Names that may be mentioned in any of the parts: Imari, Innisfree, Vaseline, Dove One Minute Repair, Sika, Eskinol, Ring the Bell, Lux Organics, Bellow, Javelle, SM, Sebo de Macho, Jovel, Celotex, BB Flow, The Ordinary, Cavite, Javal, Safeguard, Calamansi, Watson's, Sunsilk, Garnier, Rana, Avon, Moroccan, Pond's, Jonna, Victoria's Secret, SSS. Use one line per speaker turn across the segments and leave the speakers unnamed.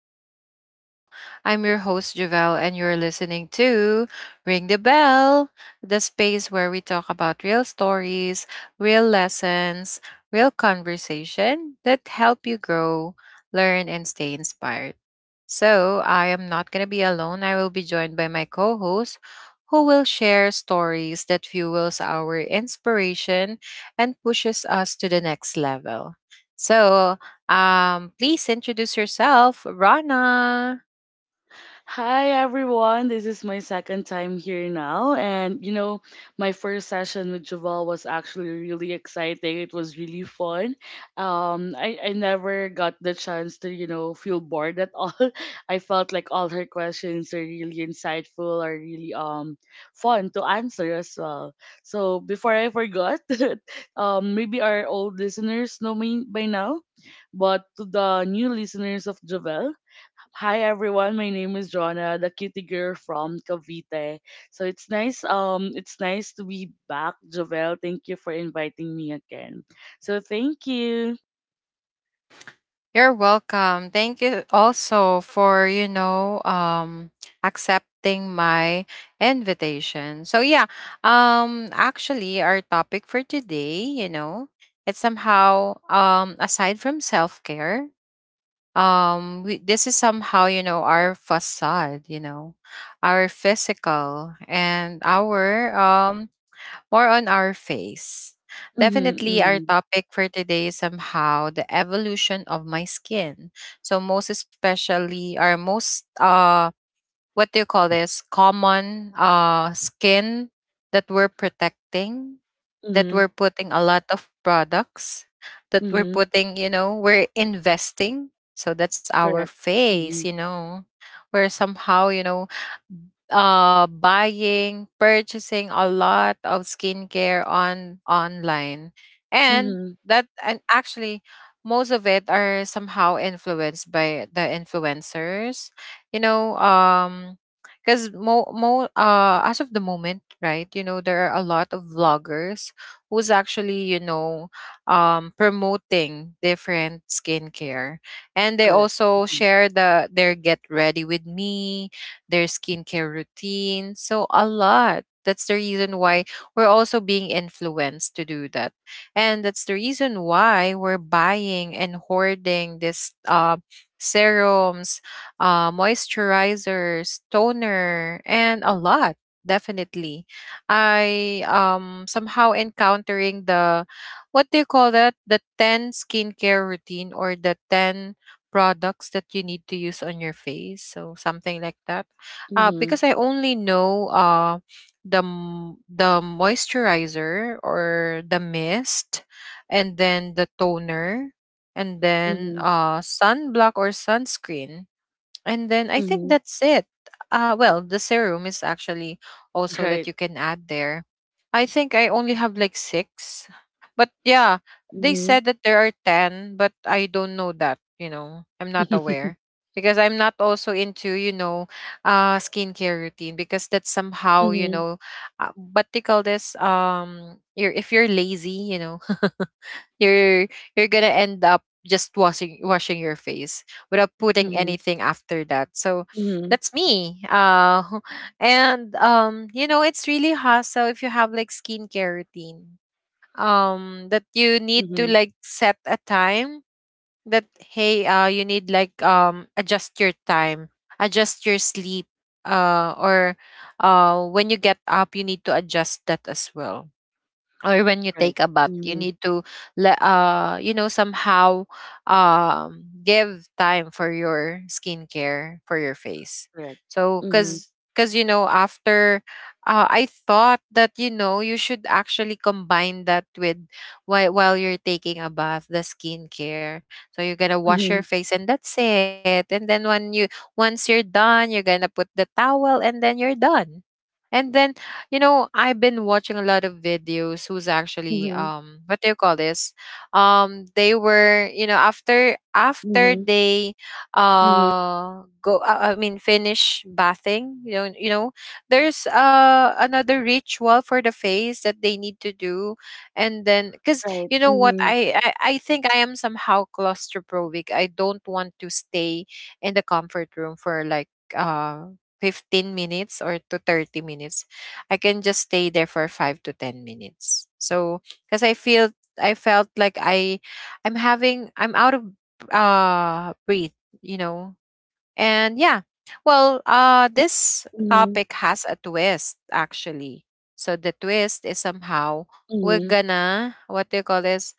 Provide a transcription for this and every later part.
back to the show. I'm your host Javelle and you're listening to Ring the Bell, the space where we talk about real stories, real lessons, real conversation that help you grow, learn and stay inspired. So, I am not going to be alone. I will be joined by my co-host who will share stories that fuels our inspiration and pushes us to the next level. So, Please introduce yourself, Rana.
Hi everyone, this is my second time here now, and you know, my first session with Javal was actually really exciting. It was really fun. I never got the chance to feel bored at all. I felt like all her questions are really insightful, are really fun to answer as well. So before I forgot, maybe our old listeners know me by now, but to the new listeners of Javel. Hi everyone, my name is Jonna, the cutie girl from Cavite. So it's nice, it's nice to be back, Jovel. Thank you for inviting me again. So thank you.
You're welcome. Thank you also for, accepting my invitation. So yeah, actually our topic for today, you know, it's somehow aside from self-care, this is somehow, you know, our facade, you know, our physical and our more on our face.
Mhm,
Definitely,
mhm,
our topic for today is somehow the evolution of my skin. So, most especially, our most, what do you call this, common skin that we're protecting, that
mhm,
we're putting a lot of products, that we're
mhm,
putting, you know, we're investing. So, that's our
correct.
face,
Mhm,
you know. We're somehow, you know, buying purchasing a lot of skincare on online and
mhm,
that and actually most of it are somehow influenced by the influencers you know um because mo, mo as of the moment right you know there are a lot of vloggers who's actually you know promoting different skincare and they
correct.
also
Mhm,
share the their get ready with me their skincare routine. So a lot. That's the reason why we're also being influenced to do that. And that's the reason why we're buying and hoarding this serums, moisturizers, toner, and a lot. Definitely. I somehow encountering the what do you call that? The 10 skincare routine or the 10 products that you need to use on your face. So something like that
mhm,
because I only know the moisturizer or the mist, and then the toner, and then
mhm,
sunblock or sunscreen and then I think
mhm,
that's it. Well, the serum is actually also that
right.
you can add there. I think I only have like six. But yeah, they
Mhm,
said that there are 10, but I don't know that, you know, I'm not aware because I'm not also into, you know, skincare routine because that's somehow, you
mhm,
know, what they call this, if you're lazy, you know, you're you're gonna end up just washing your face without putting
mhm,
anything after that. So
mhm,
that's me and you know it's really hassle if you have like skincare routine that you need to
mhm,
like set a time, that hey, you need like adjust your time, adjust your sleep, or when you get up you need to adjust that as well, or when you
right.
take a bath you
Mhm,
need to let, you know, somehow give time for your skincare for your face.
correct.
So
Mhm,
because you know after I thought that you know you should actually combine that with while you're taking a bath the skincare, so you're gonna wash
mhm,
your face and that's it, and then when you, once you're done you're gonna put the towel and then you're done. and then, you know, I've been watching a lot of videos who's actually
mhm,
what do you call this? They were, you know, after
mhm,
they
mhm,
go I mean finish bathing, you know, there's another ritual for the face that they need to do. And then cuz
right.
you know what,
Mhm,
I think I am somehow claustrophobic. I don't want to stay in the comfort room for like uh 15 minutes or to 30 minutes. I can just stay there for 5 to 10 minutes. Because I feel, I felt like i i'm having, I'm out of breath, you know. And yeah, well, this
mhm,
topic has a twist actually. So the twist is somehow, we're
mhm.
gonna what do you call this,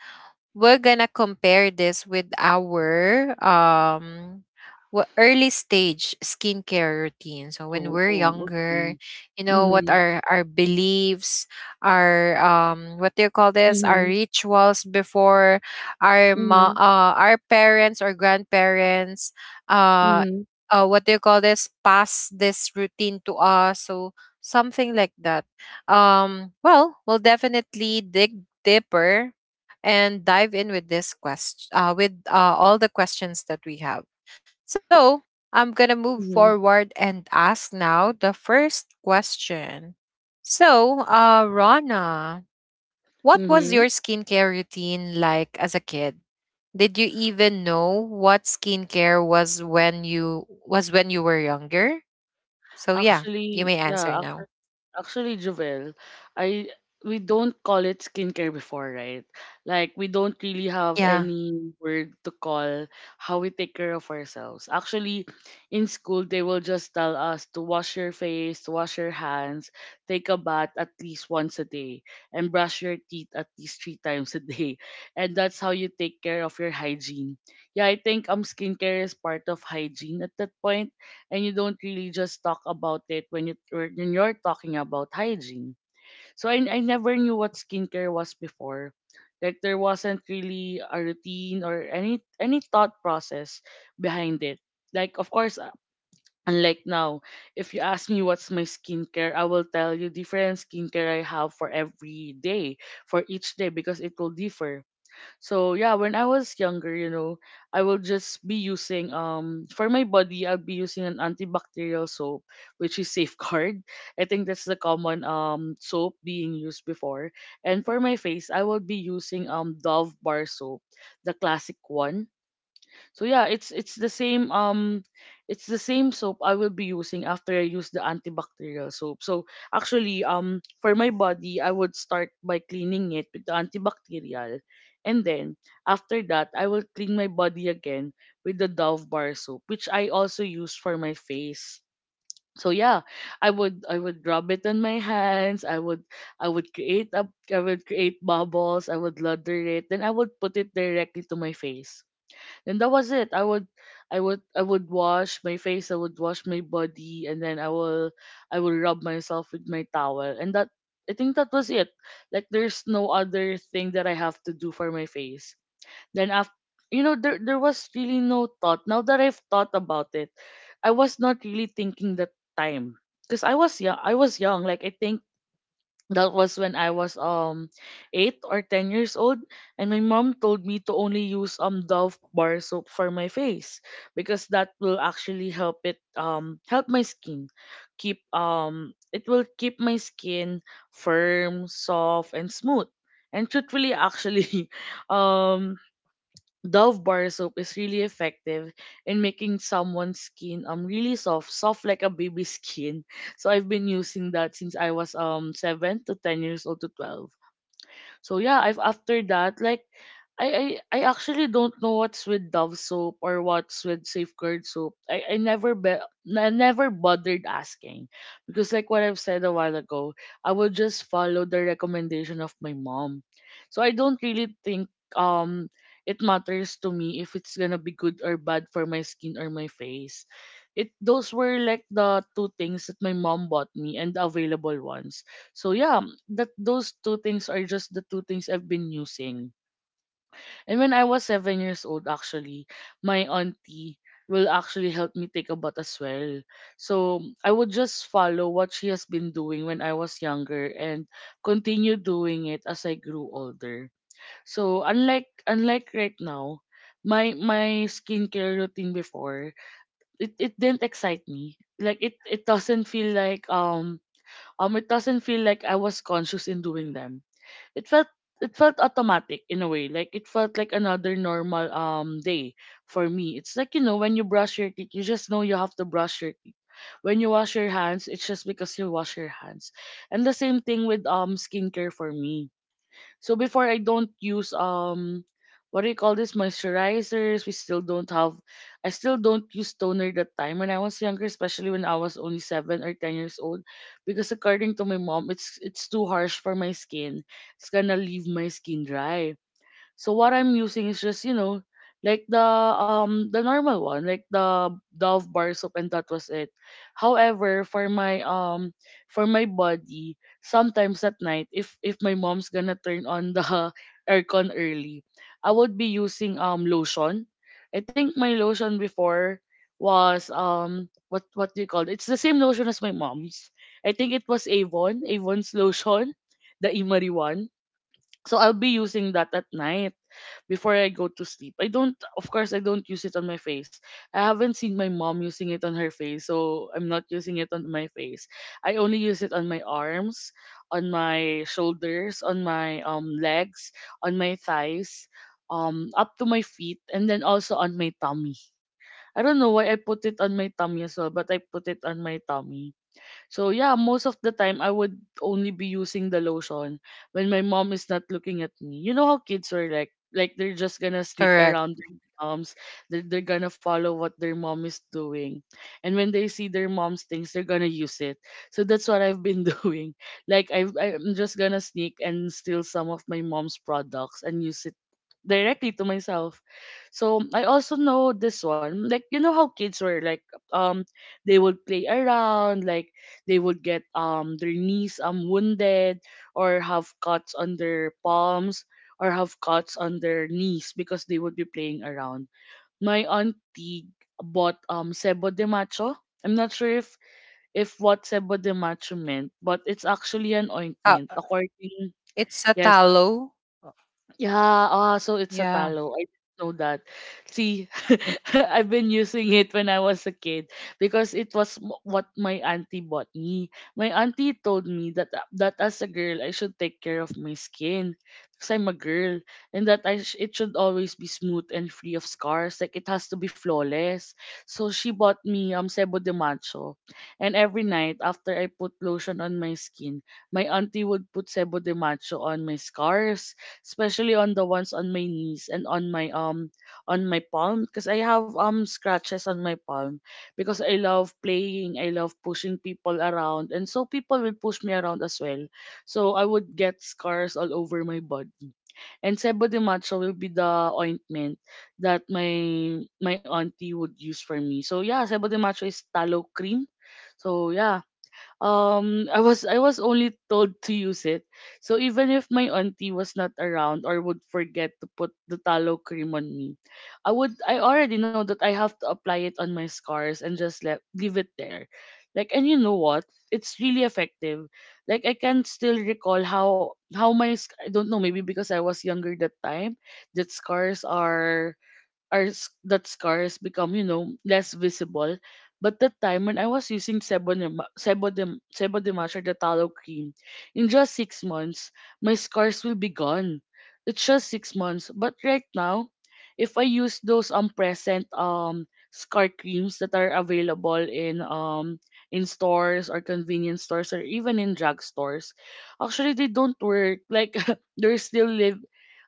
we're gonna compare this with our early stage skincare routine. So when
Oh,
we're
oo, okey.
younger, you know, what
Mhm,
are our beliefs, our what do you call this, our
mhm,
rituals before, our
mhm,
our parents or grandparents uh
mhm,
what do you call this, pass this routine to us. So something like that. Well, we'll definitely dig deeper and dive in with this question, with all the questions that we have. So I'm gonna move
mhm,
forward and ask now the first question. So, Rana, what was
mhm.
your skincare routine like as a kid? Did you even know what skincare was when you were younger? So yeah, you
Actually,
may
yeah,
answer
actually
now.
Actually, Jovel, I, we don't call it skincare before, right? Like we don't really have
Yeah,
any word to call how we take care of ourselves. Actually, in school they will just tell us to wash your face, to wash your hands, take a bath at least once a day, and brush your teeth at least three times a day. And that's how you take care of your hygiene. Yeah, I think skincare is part of hygiene at that point, and you don't really just talk about it when you, or when you're talking about hygiene. So I never knew what skincare was before. Like there wasn't really a routine or any thought process behind it. Like of course, unlike now, if you ask me what's my skincare, I will tell you different skincare I have for every day, for each day because it will differ. So yeah, when I was younger, you know, I will just be using, for my body, I'll be using an antibacterial soap, which is Safeguard. I think that's the common soap being used before. And for my face, I will be using Dove bar soap, the classic one. So yeah, it's the same it's the same soap I will be using after I use the antibacterial soap. So actually, for my body I would start by cleaning it with the antibacterial, and then after that I will clean my body again with the Dove bar soap, which I also use for my face. So yeah, I would rub it on my hands. I would create a, I would create bubbles. I would lather it. Then I would put it directly to my face, and that was it. I would wash my face, I would wash my body, and then I will rub myself with my towel, and that, I think that was it. Like there's no other thing that I have to do for my face then after. You know, there was really no thought, now that I've thought about it. I was not really thinking that time because I was young. Like I think that was when I was 8 or 10 years old, and my mom told me to only use Dove bar soap for my face because that will actually help it, help my skin keep, it will keep my skin firm, soft, and smooth. And truthfully, actually, um Dove bar soap is really effective in making someone's skin really soft, soft like a baby's skin. So I've been using that since I was 7 to 10 years old to 12. So yeah, I've after that, like I actually don't know what's with Dove soap or what's with Safeguard soap. I never bothered asking because like what I've said a while ago, I will just follow the recommendation of my mom. So I don't really think um it matters to me if it's gonna be good or bad for my skin or my face. It, those were like the two things that my mom bought me and the available ones. So yeah, that, those two things are just the two things I've been using. And when I was 7 years old, actually, my auntie will actually help me take a bath as well. So I would just follow what she has been doing when I was younger and continue doing it as I grew older. So unlike right now, my skincare routine before, it didn't excite me. Like it doesn't feel like, um, it doesn't feel like I was conscious in doing them. It felt it felt automatic in a way. Like it felt like another normal day for me. It's like, you know, when you brush your teeth you just know you have to brush your teeth, when you wash your hands it's just because you wash your hands, and the same thing with skincare for me. So before I don't use, what do you call this, moisturizers. We still don't have, I still don't use toner that time when I was younger, especially when I was only 7 or 10 years old. Because according to my mom, it's too harsh for my skin. It's gonna leave my skin dry. So what I'm using is just, you know, like the, the normal one, like the Dove bar soap, and that was it. However, for my body, sometimes at night, if my mom's gonna turn on the aircon early, I would be using lotion. I think my lotion before was, what do you call it? It's the same lotion as my mom's. I think it was Avon's lotion, the Imari one. So I'll be using that at night before I go to sleep. I don't, of course, I don't use it on my face. I haven't seen my mom using it on her face, so I'm not using it on my face. I only use it on my arms, on my shoulders, on my legs, on my thighs, up to my feet, and then also on my tummy. I don't know why I put it on my tummy as well, but I put it on my tummy. So yeah, most of the time I would only be using the lotion when my mom is not looking at me. You know how kids are, like they're just gonna sneak
correct.
around their moms. They're gonna follow what their mom is doing. And when they see their mom's things, they're gonna use it. So that's what I've been doing. Like I'm just gonna sneak and steal some of my mom's products and use it directly to myself. So I also know this one. Like, you know how kids were like, um they would play around, like they would get their knees wounded, or have cuts on their palms, or have cuts on their knees because they would be playing around. My auntie bought sebo de macho. I'm not sure if, what sebo de macho meant, but it's actually an
Uh,
ointment. According,
it's a
yes,
tallow.
yeah, ah, so it's a
Yeah,
talo. I didn't know that. See, I've been using it when I was a kid because it was what my auntie bought me. My auntie told me that, that as a girl I should take care of my skin because I'm a girl, and that it should always be smooth and free of scars. Like it has to be flawless. So she bought me Sebo de Macho, and every night after I put lotion on my skin, my auntie would put Sebo de Macho on my scars, especially on the ones on my knees and on my palm, because I have scratches on my palm, because I love playing, I love pushing people around, and so people will push me around as well. So I would get scars all over my body. And Sebo de Macho will be the ointment that my auntie would use for me. So yeah, Sebo de Macho is tallow cream. So yeah, I was only told to use it. So even if my auntie was not around or would forget to put the tallow cream on me, I already know that I have to apply it on my scars and just let leave it there. Like, and you know what? It's really effective. Like I can still recall how, I don't know, maybe because I was younger that time, that scars are, that scars become, you know, less visible. But that time when I was using sebodemash or the tallow cream, in just 6 months my scars will be gone. It's just 6 months. But right now, if I use those present scar creams that are available in stores or convenience stores or even in drugstores, actually they don't work. Like they're still live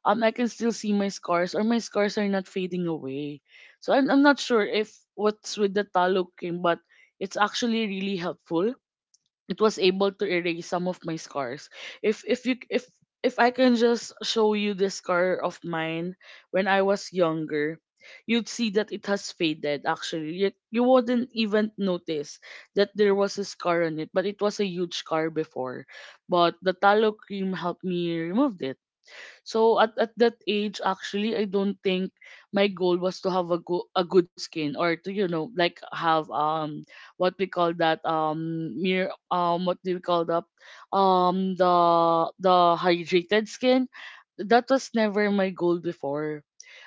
I can still see my scars or my scars are not fading away. So I'm not sure if what's with the talo cream, but it's actually really helpful. It was able to erase some of my scars. If you if I can just show you the scar of mine when I was younger, you'd see that it has faded actually. You wouldn't even notice that there was a scar on it, but it was a huge scar before. But the tallow cream helped me remove it, so at that age, actually, I don't think my goal was to have a good skin or to, like, have what we call that, mere, what do we call that, um the the hydrated skin. That was never my goal before.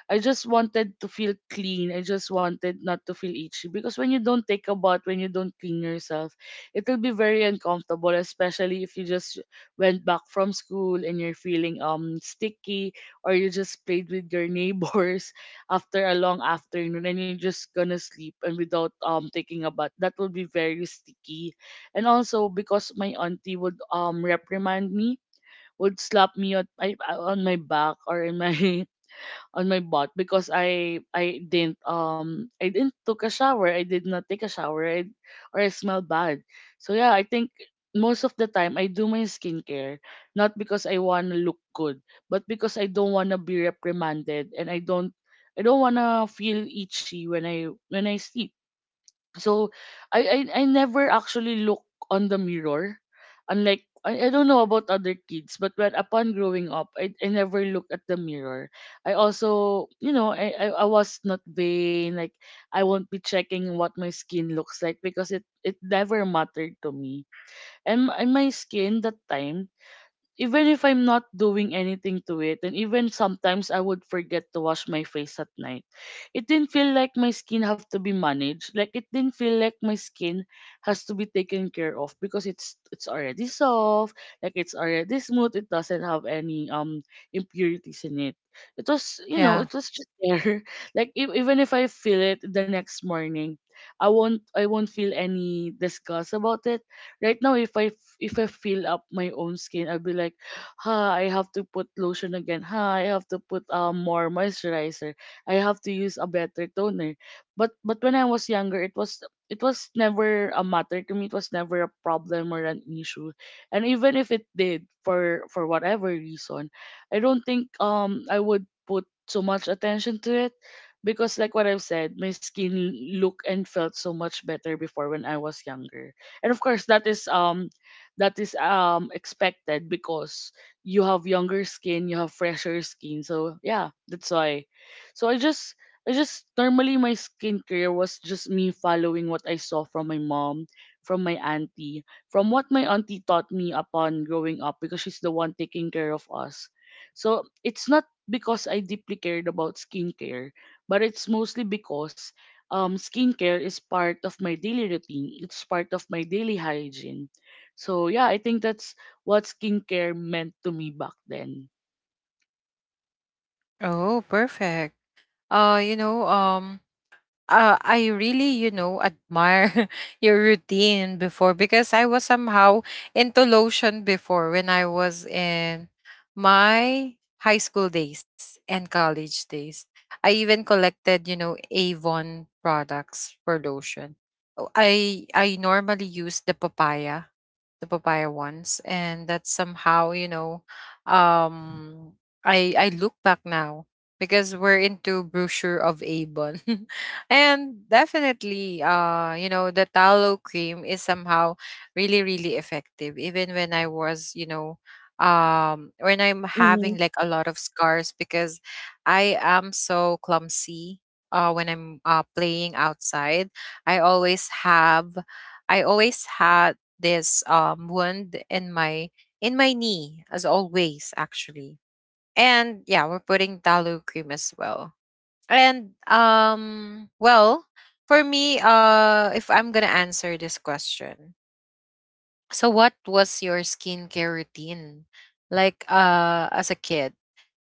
I just wanted to feel clean. I just wanted not to feel itchy, because when you don't take a bath, when you don't clean yourself, it'll be very uncomfortable, especially if you just went back from school and you're feeling sticky, or you just played with your neighbors after a long afternoon and you're just gonna sleep and without taking a bath, that will be very sticky. And also because my auntie would reprimand me, would slap me on my back or in my on my butt because I didn't took a shower. I did not take a shower, or I smell bad. So yeah, I think most of the time I do my skincare not because I wanna look good, but because I don't wanna be reprimanded, and I don't wanna feel itchy when I sleep. So I never actually look on the mirror. Unlike, I don't know about other kids, but when upon growing up, I never looked at the mirror. I also, I was not vain. Like, I won't be checking what my skin looks like because it never mattered to me. And my skin that time, even if I'm not doing anything to it, and even sometimes I would forget to wash my face at night, it didn't feel like my skin have to be managed. Like, it didn't feel like my skin has to be taken care of because it's already soft, like it's already smooth. It doesn't have any impurities in it. It was you know
yeah.
it was just there. Like even if I feel it the next morning, I won't feel any disgust about it. Right now, if if I feel up my own skin, I'll be like, ha, I have to put lotion again. Ha, I have to put more moisturizer. I have to use a better toner. But when I was younger, it was never a matter to me. It was never a problem or an issue. And even if it did, for whatever reason, I don't think I would put so much attention to it because, like what I've said, my skin looked and felt so much better before when I was younger. And of course that is expected because you have younger skin, you have fresher skin. So yeah, that's why. So I just normally, my skincare was just me following what I saw from my mom, from my auntie, from what my auntie taught me upon growing up because she's the one taking care of us. So it's not because I deeply cared about skincare, but it's mostly because, skincare is part of my daily routine. It's part of my daily hygiene. So yeah, I think that's what skincare meant to me back then.
Oh, perfect. uh you know um I really you know admire your routine before, because I was somehow into lotion before when I was in my high school days and college days. I even collected you know Avon products for lotion. Oh, I normally use the papaya ones, and that somehow, you know, um I look back now, because we're into brochure of Avon and definitely, you know, the tallow cream is somehow really really effective, even when I was, you know, when I'm having
Mhm.
like a lot of scars, because I am so clumsy when I'm playing outside. i always have I always had this wound in my knee as always actually. And yeah, we're putting tallow cream as well. And well, for me, if I'm going to answer this question, so what was your skincare routine like as a kid?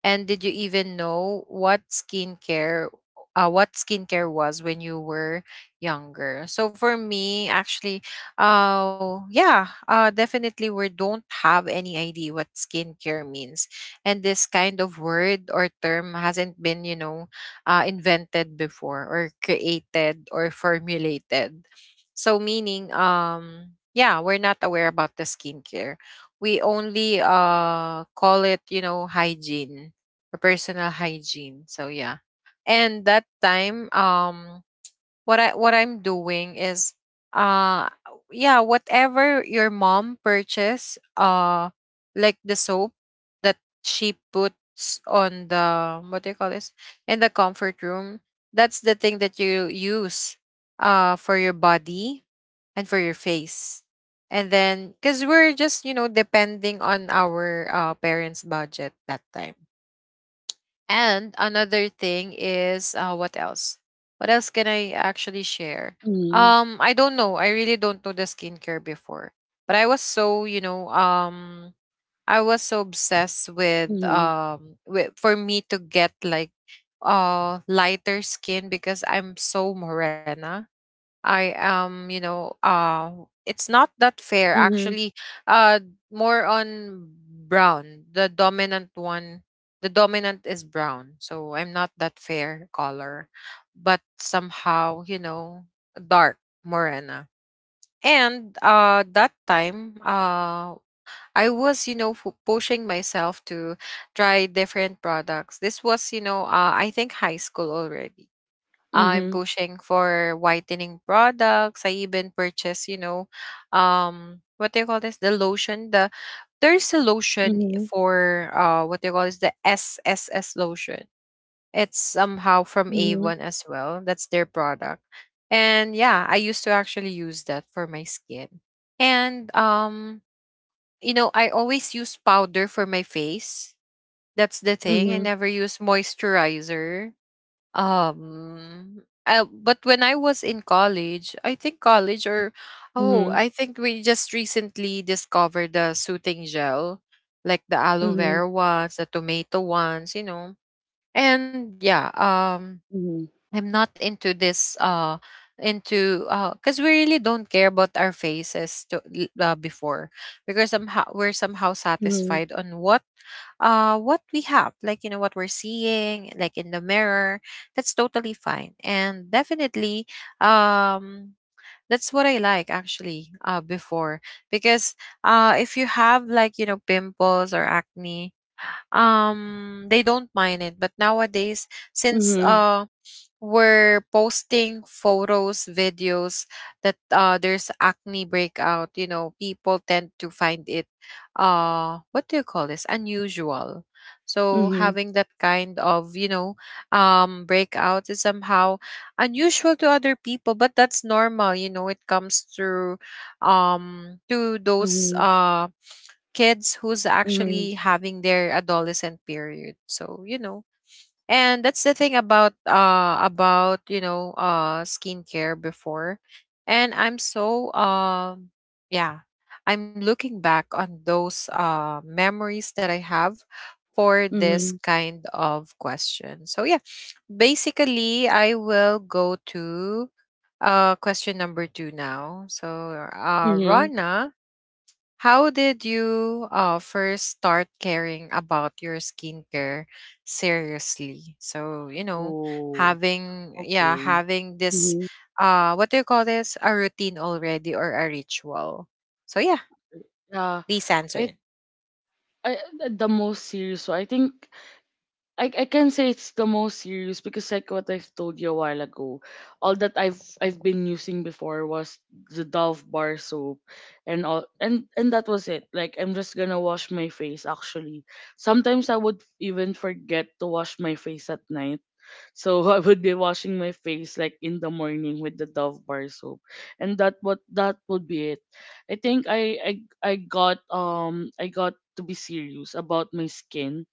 And did you even know what skincare, what skincare was when you were younger? So for me actually, yeah, definitely we don't have any idea what skincare means. And this kind of word or term hasn't been, you know, invented before or created or formulated, so meaning, yeah, we're not aware about the skincare. We only call it, you know, hygiene or personal hygiene. So yeah. And that time, what I what I'm doing is uh yeah, whatever your mom purchased, like the soap that she puts on the what do you call this? In the comfort room, that's the thing that you use for your body and for your face. And then cuz we're just, you know, depending on our parents' budget that time. And another thing is what else? What else can I actually share?
Mhm.
I don't know. I really don't know the skincare before, but I was so, you know, I was so obsessed with
Mhm.
for me to get like lighter skin, because I'm so morena. I am, you know, it's not that fair
Mhm.
actually. Uh More on brown. The dominant one, the dominant is brown. So I'm not that fair color, but somehow, you know, dark morena. And that time, I was, you know, pushing myself to try different products. This was, you know, I think high school already. I'm
Mhm.
pushing for whitening products. I even purchase, you know, what do you call this? The lotion. There's a lotion
Mhm.
for, what do you call this? The SSS lotion. It's somehow from A1 as well. That's their product. And yeah, I used to actually use that for my skin. And you know, I always use powder for my face. That's the thing. I
Mhm.
never use moisturizer, but when I was in college, I think college or oh,
Mhm.
I think we just recently discovered the soothing gel, like the aloe
Mhm.
vera ones, the tomato ones, you know. And yeah,
Mhm.
I'm not into this into because we really don't care about our faces before, because somehow we're somehow
Mhm.
satisfied on what we have, like you know what we're seeing like in the mirror, that's totally fine. And definitely um that's what I like actually before, because if you have like you know pimples or acne, they don't mind it. But nowadays,
Mhm.
since
Mhm.
were posting photos, videos that there's acne breakout, you know, people tend to find it, what do you call this, unusual. So
Mhm.
having that kind of, you know, breakout is somehow unusual to other people, but that's normal. You know, it comes through, to those
Mhm.
kids who's
Mhm.
actually having their adolescent period. So you know, and that's the thing about you know skincare before. And I'm so yeah, I'm looking back on those memories that I have for this
Mhm.
kind of question. So yeah, basically I will go to question number 2 now. So
Mhm.
Rana, how did you first start caring about your skincare seriously? So,
Oh,
having, yeah,
okay.
having this,
Mhm.
what do you call this? A routine already or a ritual. So, yeah,
Yeah,
please
I,
answer.
I the most serious. So I think I can say it's the most serious because, like what I've told you a while ago, all that I've been using before was the Dove bar soap, and all, and that was it. Like, I'm just gonna wash my face actually. Sometimes I would even forget to wash my face at night. So I would be washing my face like in the morning with the Dove bar soap. And that would be it. I think I got to be serious about my skin,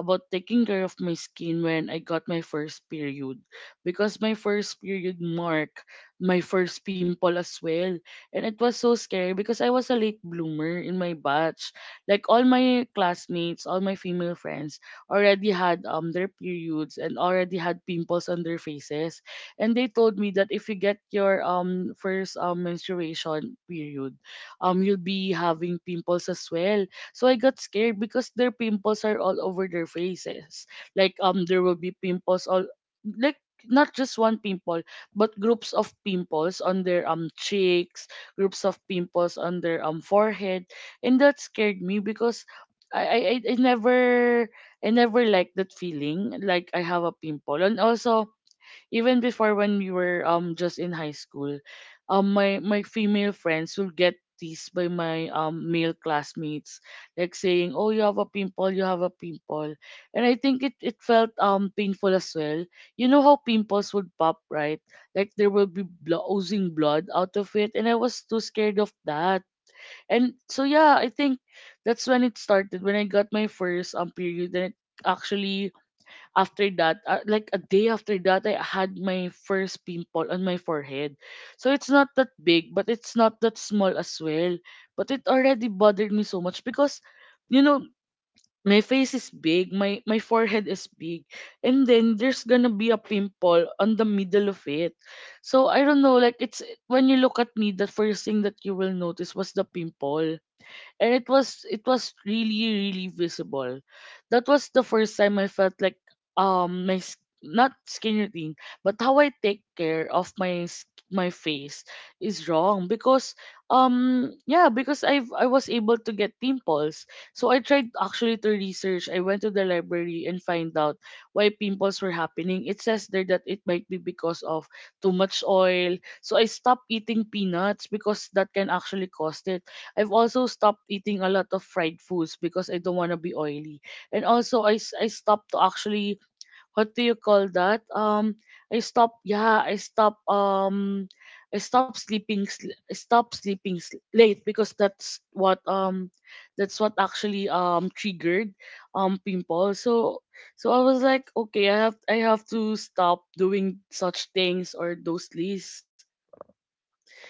about taking care of my skin, when I got my first period because my first period marked my first pimple as well. And it was so scary because I was a late bloomer in my batch. Like, all my classmates, all my female friends already had their periods and already had pimples on their faces. And they told me that if you get your first menstruation period, you'll be having pimples as well. So I got scared because their pimples are all over their faces. Like, there will be pimples all, like, not just one pimple, but groups of pimples on their cheeks, groups of pimples on their forehead. And that scared me because I I, I I never I never liked that feeling, like I have a pimple. And also, even before, when we were just in high school, my female friends will get teased by my male classmates, like, saying, "Oh, you have a pimple, you have a pimple," and I think it felt painful as well. You know how pimples would pop, right? Like, there will be oozing blood out of it, and I was too scared of that. And so yeah, I think that's when it started, when I got my first period. And it actually, after that, like a day after that, I had my first pimple on my forehead. So it's not that big, but it's not that small as well. But it already bothered me so much because, you know, my face is big, my forehead is big, and then there's gonna be a pimple on the middle of it. So I don't know, like, it's when you look at me, the first thing that you will notice was the pimple, and it was really really visible. That was the first time I felt like my not skin routine, but how I take care of my my face is wrong. Because I was able to get pimples. So I tried actually to research. I went to the library and find out why pimples were happening. It says there that it might be because of too much oil. So I stopped eating peanuts because that can actually cause it. I've also stopped eating a lot of fried foods because I don't want to be oily. And also I stopped to actually, what do you call that? I stopped yeah, I stopped sleeping sl- I stopped sleeping late because that's what actually triggered pimples. So I was like, okay, I have to stop doing such things, or those lists.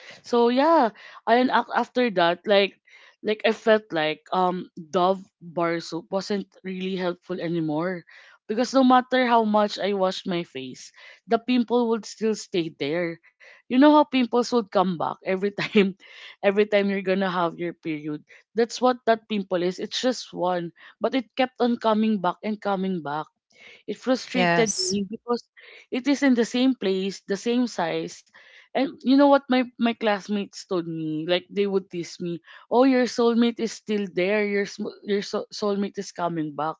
So yeah, and after that, like I felt like Dove bar soap wasn't really helpful anymore because no matter how much I washed my face, the pimple would still stay there. You know how pimples would come back every time every time you're going to have your period. That's what that pimple is. It's just one, but it kept on coming back and coming back. It frustrated
Yes.
me because it is in the same place, the same size. And you know what my classmates told me? Like, they would tease me, "Oh, your soulmate is still there. Your soulmate is coming back."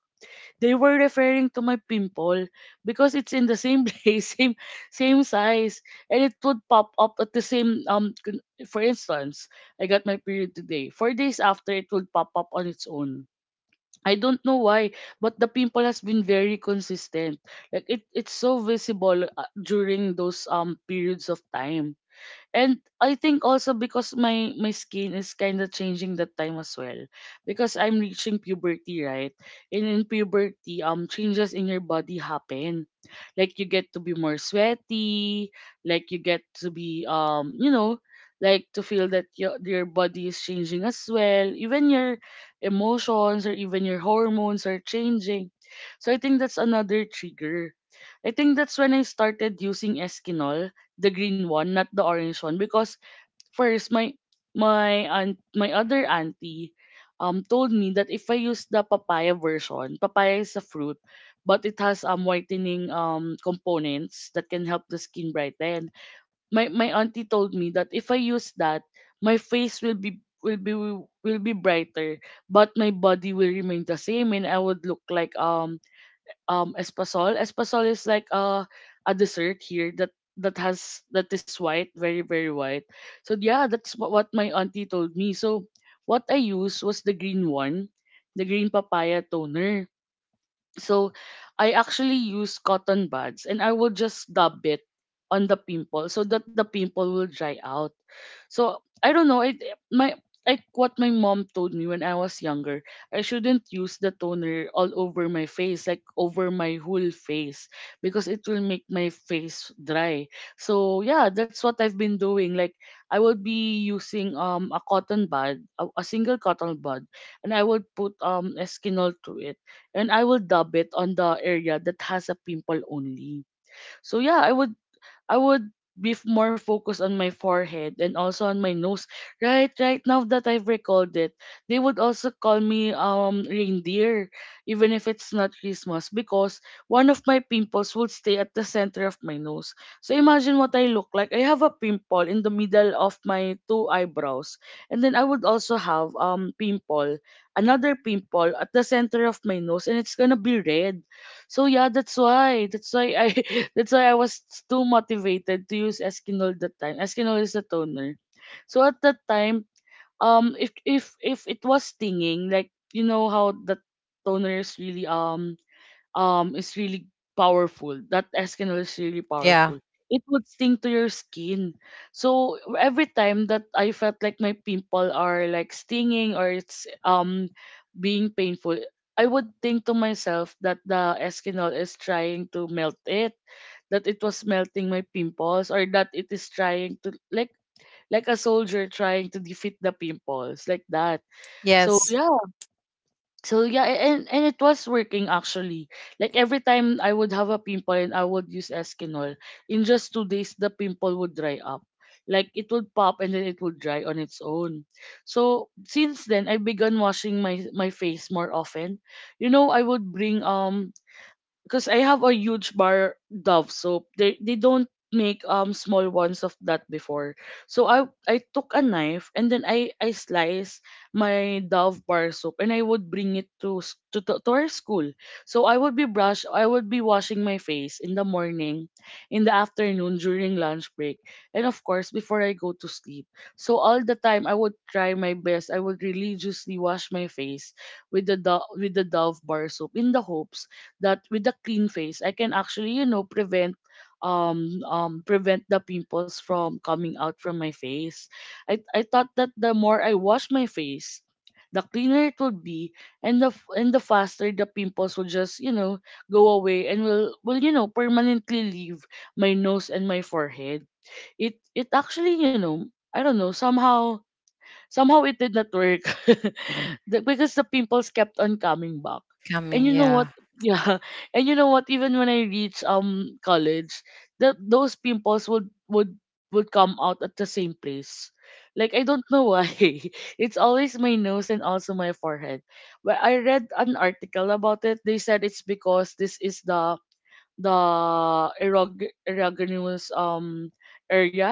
They were referring to my pimple because it's in the same place, same size, and it would pop up at the same For instance, I got my period today. 4 days after, it would pop up on its own. I don't know why, but the pimple has been very consistent. Like, it's so visible during those periods of time. And I think also because my skin is kind of changing that time as well because I'm reaching puberty, right? And in puberty, changes in your body happen. Like you get to be more sweaty, like you get to be like to feel that your body is changing as well. Even your emotions or even your hormones are changing. So I think that's another trigger. I think that's when I started using Eskinol, the green one, not the orange one, because first my my aunt, my other auntie told me that if I use the papaya version. Papaya is a fruit, but it has whitening components that can help the skin brighten. My auntie told me that if I use that, my face will be brighter, but my body will remain the same, and I would look like espasol. Espasol is like a dessert here that is white, very very white. So yeah, that's what my auntie told me. So what I used was the green one, the green papaya toner. So I actually use cotton buds and I will just dab it on the pimple so that the pimple will dry out. So I don't know, it my like what my mom told me when I was younger, I shouldn't use the toner all over my face, like over my whole face, because it will make my face dry. So yeah, that's what I've been doing. Like I would be using a cotton bud, a single cotton bud, and I would put Eskinol to it and I will dab it on the area that has a pimple only. So yeah, I would be more focused on my forehead and also on my nose. Right, right now that I've recalled it, they would also call me reindeer, even if it's not Christmas, because one of my pimples would stay at the center of my nose. So imagine what I look like. I have a pimple in the middle of my two eyebrows, and then I would also have another pimple at the center of my nose, and it's gonna be red. So yeah, that's why. That's why I that's why I was too motivated to use Eskinol that time. Eskinol is a toner. So at that time, if it was stinging, like you know how the toner is really um is really powerful. That Eskinol is really
Yeah.
powerful. It would sting to your skin. So every time that I felt like my pimple are like stinging or it's being painful, I would think to myself that the Eskinol is trying to melt it, that it was melting my pimples, or that it is trying to, like a soldier, trying to defeat the pimples like that. So
Yes.
yeah, so yeah, and it was working actually. Like every time I would have a pimple and I would use Eskinol, in just 2 days the pimple would dry up. Like it would pop and then it would dry on its own. So since then I began washing my face more often. You know, I would bring, because I have a huge bar Dove soap. They don't make small ones of that before. So I took a knife and then I slice my Dove bar soap, and I would bring it to s- to our school. So I would be washing my face in the morning, in the afternoon during lunch break, and of course before I go to sleep. So all the time I would try my best. I would religiously wash my face with the Dove bar soap, in the hopes that with a clean face I can actually, prevent the pimples from coming out from my face. I thought that the more I wash my face, the cleaner it would be, and the faster the pimples will just, go away and will permanently leave my nose and my forehead. It actually, I don't know, somehow it did not work. Because the pimples kept on coming back. And you
Coming.
know what?
Yeah.
Yeah. And you know what? Even when I reached college, that those pimples would come out at the same place. Like I don't know why. It's always my nose and also my forehead. But I read an article about it. They said it's because this is the erogenous area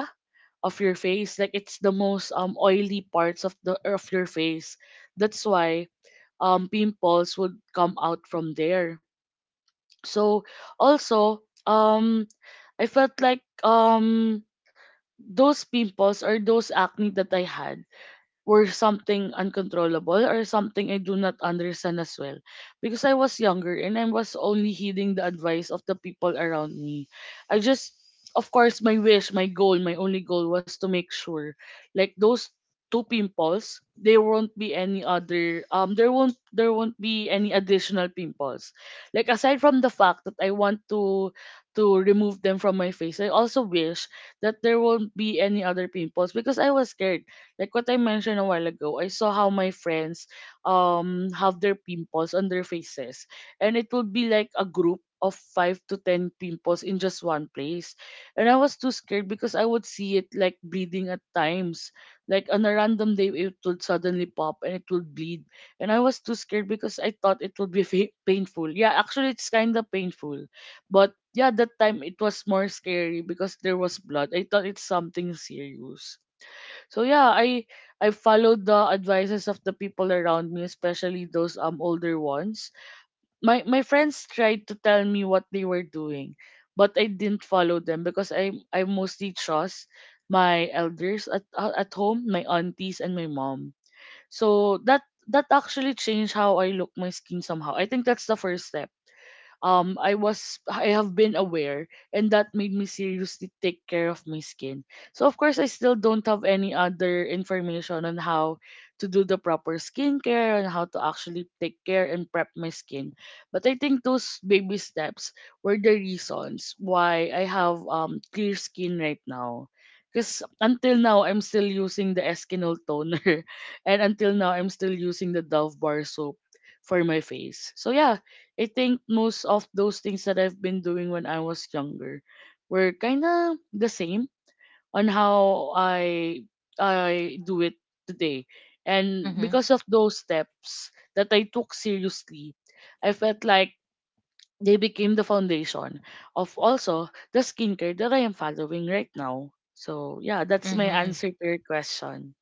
of your face. Like it's the most oily parts of the of your face, that's why pimples would come out from there. So also, I felt like those pimples or those acne that I had were something uncontrollable or something I do not understand as well. Because I was younger and I was only heeding the advice of the people around me. I just, of course, my wish, my goal, my only goal was to make sure, like, those two pimples, there won't be any other, there won't be any additional pimples. Like, aside from the fact that I want to remove them from my face, I also wish that there won't be any other pimples because I was scared. Like what I mentioned a while ago, I saw how my friends have their pimples on their faces. And it would be like a group of 5 to 10 pimples in just one place. And I was too scared because I would see it like bleeding at times. Like on a random day it would suddenly pop and it would bleed. And I was too scared because I thought it would be painful. Yeah, actually it's kinda painful. But yeah, that time it was more scary because there was blood. I thought it's something serious. So yeah, I followed the advices of the people around me, especially those older ones. My friends tried to tell me what they were doing, but I didn't follow them because I mostly trust my elders at home, my aunties and my mom. So that actually changed how I look my skin somehow. I think that's the first step I have been aware, and that made me seriously take care of my skin. So of course I still don't have any other information on how to do the proper skincare and how to actually take care and prep my skin. But I think those baby steps were the reasons why I have clear skin right now. Because until now, I'm still using the Eskinol toner. And until now, I'm still using the Dove Bar soap for my face. So yeah, I think most of those things that I've been doing when I was younger were kind of the same on how I do it today. And because
Mm-hmm.
of those steps that I took seriously, I felt like they became the foundation of also the skincare that I am following right now. So yeah, that's my
Mm-hmm.
answer to your question.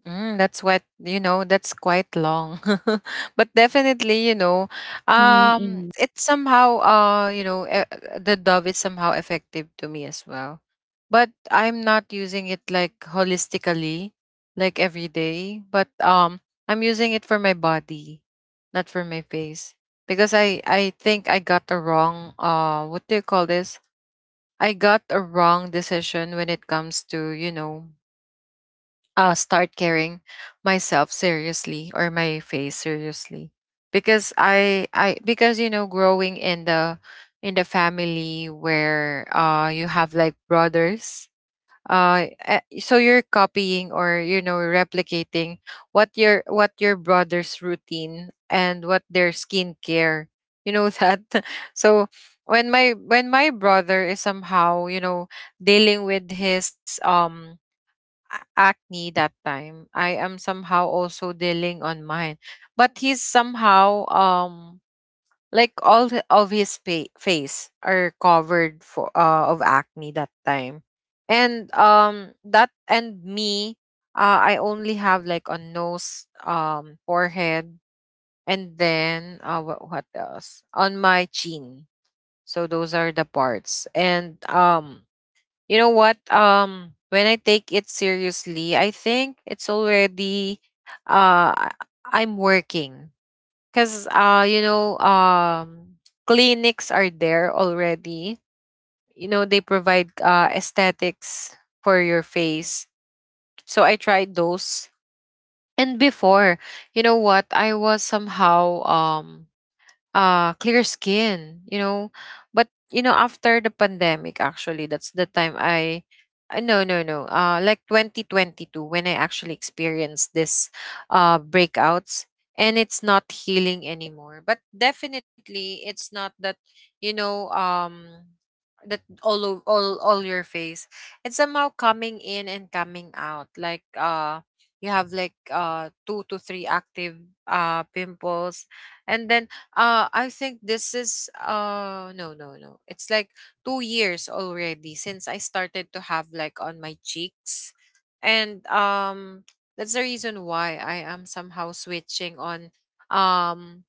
That's what you know. That's quite long, but definitely,
Mm-hmm.
it's somehow, the Dove is somehow effective to me as well, but I'm not using it like holistically, like every day. But I'm using it for my body, not for my face, because I think I got a wrong, what do you call this? I got a wrong decision when it comes to, start caring myself seriously or my face seriously, because I because you know growing in the family, where you have like brothers, so you're copying, or replicating what your brother's routine and what their skincare, that. So when my brother is somehow, dealing with his a- acne that time, I am somehow also dealing on mine, but he's somehow, like, all the- of his face are covered for, of acne that time, and, that, and me, I only have like on nose, forehead, and then, what else, on my chin. So those are the parts. And you know what? When I take it seriously, I think it's already, uh I- I'm working. Cause clinics are there already. They provide aesthetics for your face. So I tried those. And before, you know what? I was somehow, clear skin, but after the pandemic, actually that's the time I no, no, no, like 2022, when I actually experienced this breakouts, and it's not healing anymore, but definitely it's not that, you know um that all all your face, it's somehow coming in and coming out, like, you have like, two to three active pimples. And then, I think this is, no, no, no. It's like 2 years already since I started to have like on my cheeks, and that's the reason why I am somehow switching on, um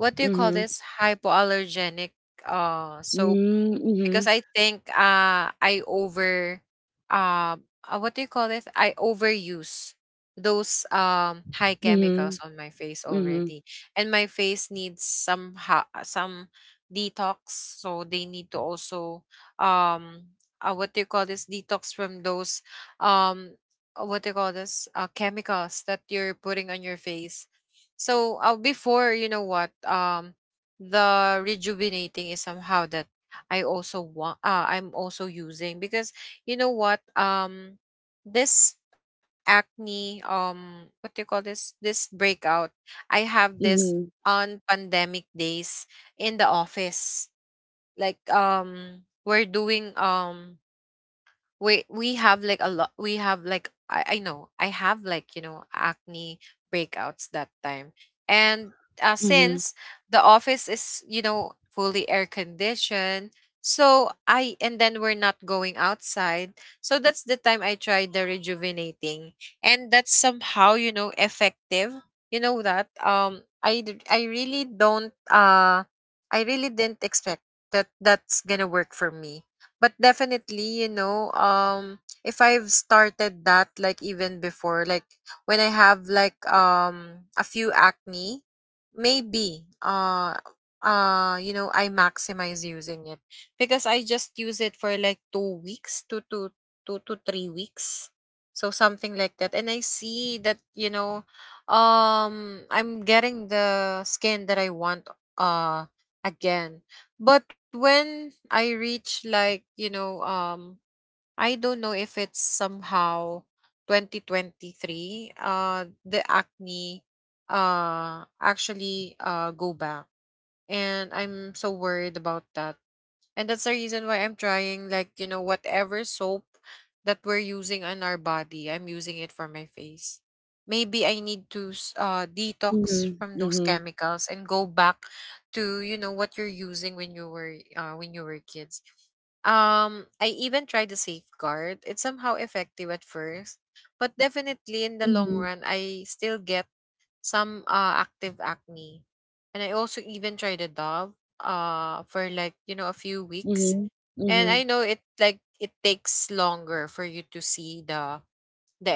what do you call
Mm-hmm.
this? Hypoallergenic soap,
Mm-hmm.
because I think I over what do you call this? I overuse those high chemicals
Mm-hmm.
on my face
Mm-hmm.
already, and my face needs some some detox. So they need to also, um what do you call this? Detox from those, um what do you call this? Chemicals that you're putting on your face. So, before, you know what the rejuvenating is somehow that I'm also using, because, you know what this acne, what do you call this? This breakout, I have this on pandemic days in the office, like, we're doing, we have like a lot, we have like I know I have like, acne breakouts that time. And,
Mm-hmm.
since the office is, fully air conditioned, so I and then we're not going outside, so that's the time I tried the rejuvenating. And that's somehow, effective. You know that, I really didn't expect that that's gonna work for me. But definitely, if I've started that, like even before, like when I have like, a few acne, maybe, I maximize using it, because I just use it for like two to three weeks, so something like that. And I see that, I'm getting the skin that I want uh again. But when I reach, like, I don't know if it's somehow 2023, the acne actually go back. And I'm so worried about that, and that's the reason why I'm trying, like, whatever soap that we're using on our body, I'm using it for my face. Maybe I need to, detox
Mhm,
from those
mhm,
chemicals and go back to, what you're using when you were, when you were kids. I even tried the safeguard. It's somehow effective at first, but definitely in the
mhm,
long run, I still get some, active acne. And I also even tried a Dove for, like, a few
mhm,
weeks.
mhm,
And I know it, like it takes longer for you to see the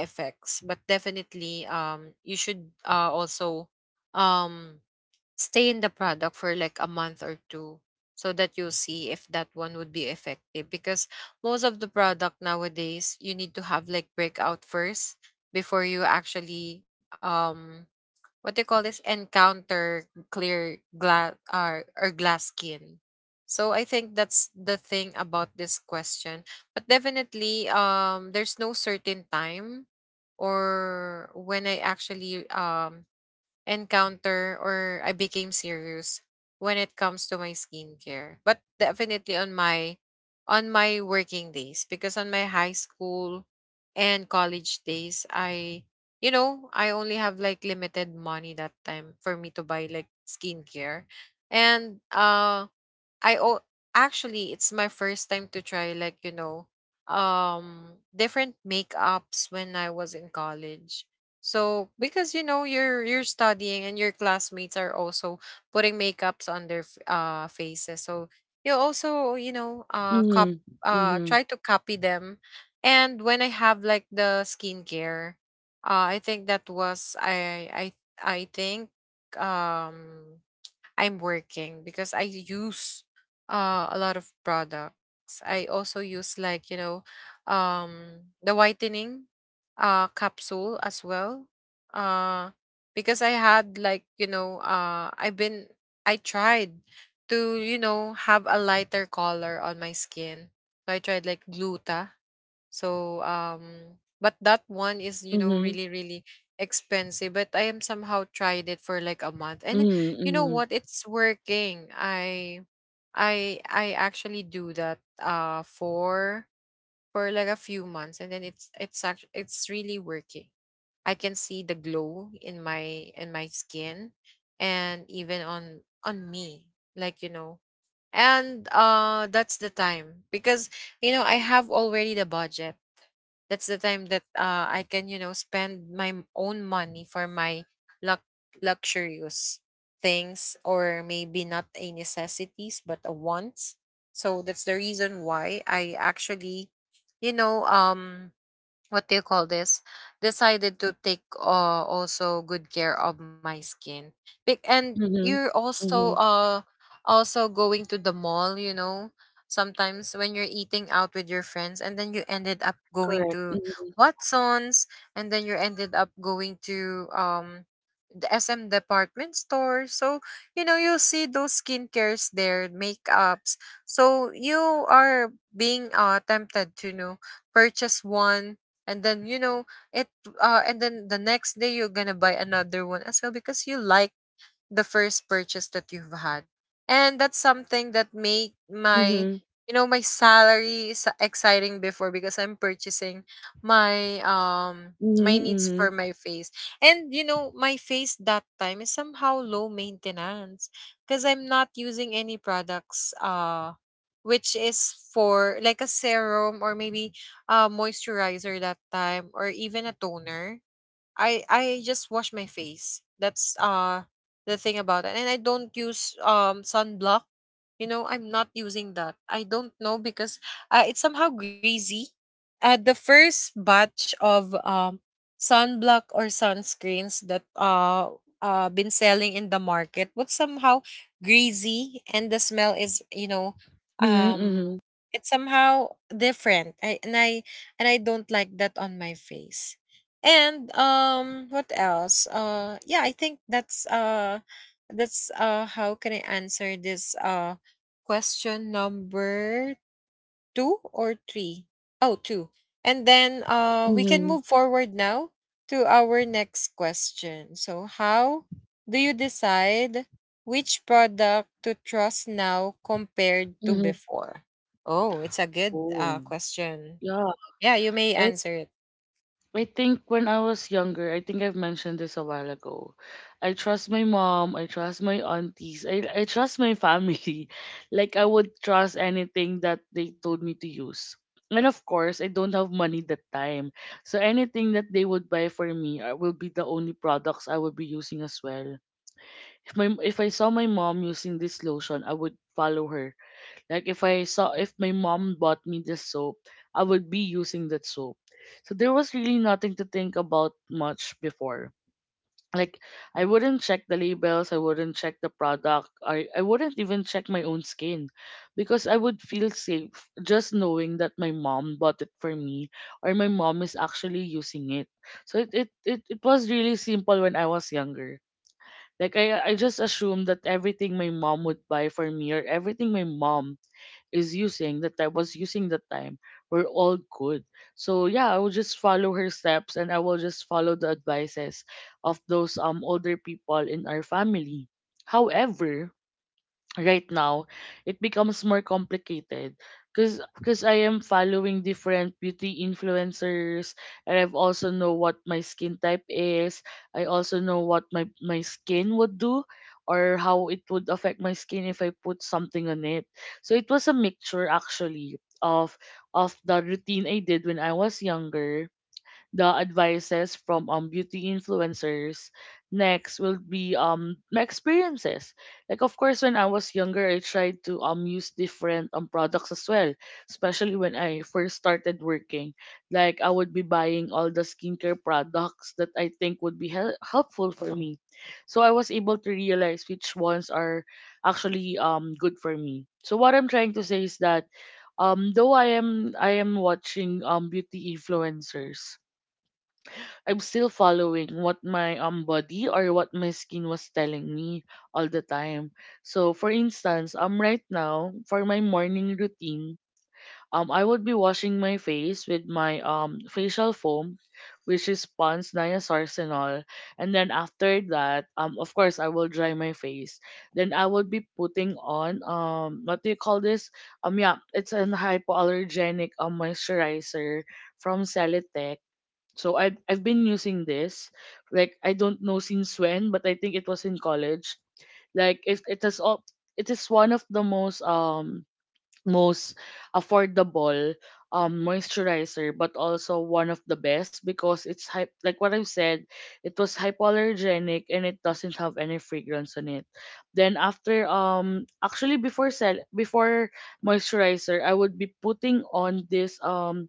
the effects, but definitely, you should, also, um stay in the product for like a month or two, so that you'll see if that one would be effective, because most of the product nowadays, you need to have like breakout first before you actually, what do you call this? Encounter clear glass, or glass skin. So I think that's the thing about this question, but definitely, there's no certain time, or when I actually, encounter, or I became serious when it comes to my skincare. But definitely on my working days, because on my high school and college days, I only have like limited money that time for me to buy like skincare. And I oh, actually, it's my first time to try, like, different makeups when I was in college. So, because, you're studying, and your classmates are also putting makeups on their, faces. So you also, you know cop
mhm, mhm,
try to copy them. And when I have, like, the skincare, I think that was, I think, um I'm working, because I use, a lot of products. I also use, like, the whitening capsule as well. Uh because I had, like, I tried to, have a lighter color on my skin. So I tried like gluta. So, but that one is,
mhm,
really, really expensive, but I am somehow tried it for like a month, and you know
mhm,
what, it's working. I actually do that for like a few months, and then it's actually it's really working. I can see the glow in my skin, and even on me, like, and, that's the time, because, I have already the budget. That's the time that, I can, spend my own money for my lux- luxurious things, or maybe not a necessities but a wants. So that's the reason why I actually, you know um what do you call this? Decided to take, also good care of my skin. And
mhm, mhm,
you're also
mhm,
uh also going to the mall, sometimes when you're eating out with your friends, and then you ended up going
correct,
to
mhm,
Watson's, and then you ended up going to the SM department store. So, you'll see those skincares there, makeups, so you are being, tempted to, purchase one, and then, it, and then the next day you're gonna buy another one as well, because you like the first purchase that you've had. And that's something that made my,
mhm,
my salary is exciting before, because I'm purchasing my, my
mhm,
needs for
mhm,
my face. And, my face that time is somehow low maintenance, because I'm not using any products, which is for like a serum, or maybe a moisturizer that time, or even a toner. I just wash my face. That's the thing about it. And I don't use sunblock. I'm not using that. I don't know, because, it's somehow greasy. The first batch of sunblock or sunscreens that been selling in the market was somehow greasy, and the smell is,
mhm, mhm,
um it's somehow different. I don't like that on my face. And, what else? Yeah, I think that's, how can I answer this question number two or three? Oh, two. And then, we can
mhm,
move forward now to our next question. So, how do you decide which product to trust now compared to
mhm.
before? Oh, it's a good
Oh,
question.
yeah.
Yeah, you may answer it.
I think when I was younger, I think I've mentioned this a while ago. I trust my mom, I trust my aunties, I trust my family. Like I would trust anything that they told me to use. And of course, I don't have money that time. So anything that they would buy for me will be the only products I would be using as well. If I saw my mom using this lotion, I would follow her. Like if I saw if my mom bought me this soap, I would be using that soap. So there was really nothing to think about much before. Like, I wouldn't check the labels, I wouldn't check the product, I wouldn't even check my own skin, because I would feel safe just knowing that my mom bought it for me or my mom is actually using it. So it was really simple when I was younger. Like I just assumed that everything my mom would buy for me, or everything my mom is using that I was using that time, were all good. So yeah, I will just follow her steps and I will just follow the advices of those older people in our family. However, right now it becomes more complicated, because I am following different beauty influencers and I've also know what my skin type is. I also know what my skin would do, or how it would affect my skin if I put something on it. So it was a mixture actually of the routine I did when I was younger, the advices from beauty influencers. Next will be my experiences. Like of course when I was younger I tried to use different products as well, especially when I first started working. Like I would be buying all the skincare products that I think would be helpful for me. So I was able to realize which ones are actually good for me. So what I'm trying to say is that though I am watching beauty influencers, I'm still following what my body or what my skin was telling me all the time. So for instance, right now for my morning routine, I would be washing my face with my facial foam, which is Pond's Niasourcenol, and then after that, of course I will dry my face. Then I would be putting on what do you call this? Yeah, it's an hypoallergenic moisturizer from Celotex, so I've been using this. Like I don't know since when, but I think it was in college. Like it has all, it is one of the most most affordable moisturizer but also one of the best because it's like what I've said, it was hypoallergenic and it doesn't have any fragrance on it. Then after actually before moisturizer I would be putting on this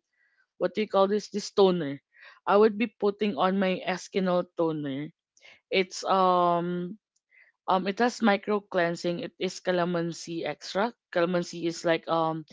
what do you call this? This toner, I would be putting on my Eskinol toner. It's it has micro cleansing. It is calamansi extract. Calamansi is like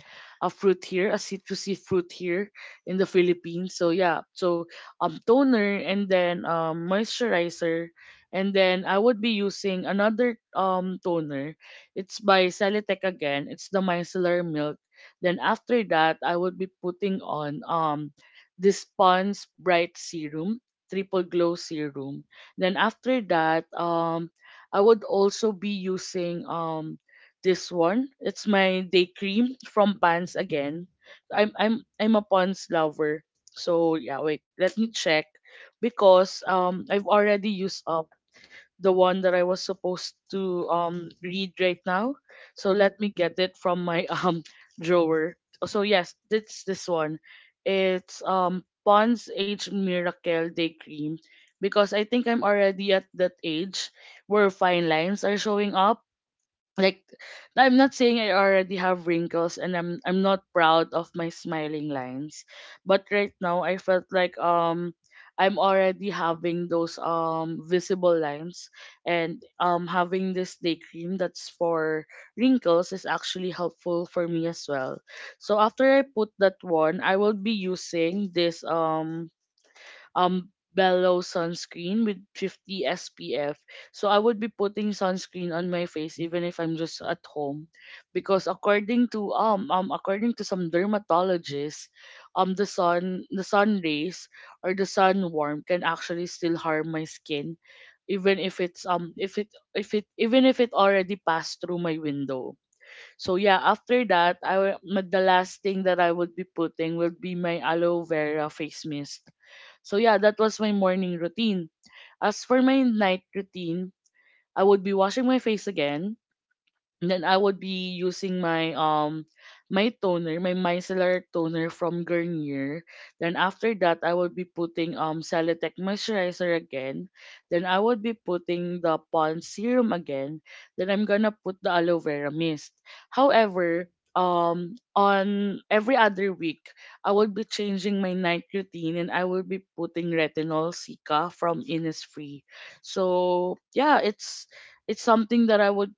a fruit here, a citrusy fruit here in the Philippines. So yeah, so toner and then moisturizer, and then I would be using another toner. It's by Saletech again. It's the micellar milk. Then after that, I would be putting on this Pond's Bright Serum, Triple Glow Serum. Then after that, I would also be using this one. It's my day cream from Pans again. I'm a Pans lover. So yeah, wait, let me check because I've already used the one that I was supposed to read right now. So let me get it from my drawer. So yes, it's this one. It's Pond's Age Miracle Day Cream because I think I'm already at that age where fine lines are showing up, like I'm not saying I already have wrinkles and I'm not proud of my smiling lines, but right now I felt like I'm already having those visible lines, and having this day cream that's for wrinkles is actually helpful for me as well. So after I put that one, I will be using this Bellow sunscreen with 50 SPF. So I would be putting sunscreen on my face even if I'm just at home because according to according to some dermatologists, the sun rays or the sun warmth can actually still harm my skin even if it's if it even if it already passed through my window. So yeah, after that, the last thing that I would be putting would be my aloe vera face mist. So yeah, that was my morning routine. As for my night routine, I would be washing my face again, then I would be using my my toner, my micellar toner from Garnier. Then after that, I would be putting Celotec moisturizer again. Then I would be putting the Pond's serum again. Then I'm gonna put the aloe vera mist. However, on every other week, I would be changing my night routine and I will be putting retinol Sika from Innisfree. So yeah, it's something that I would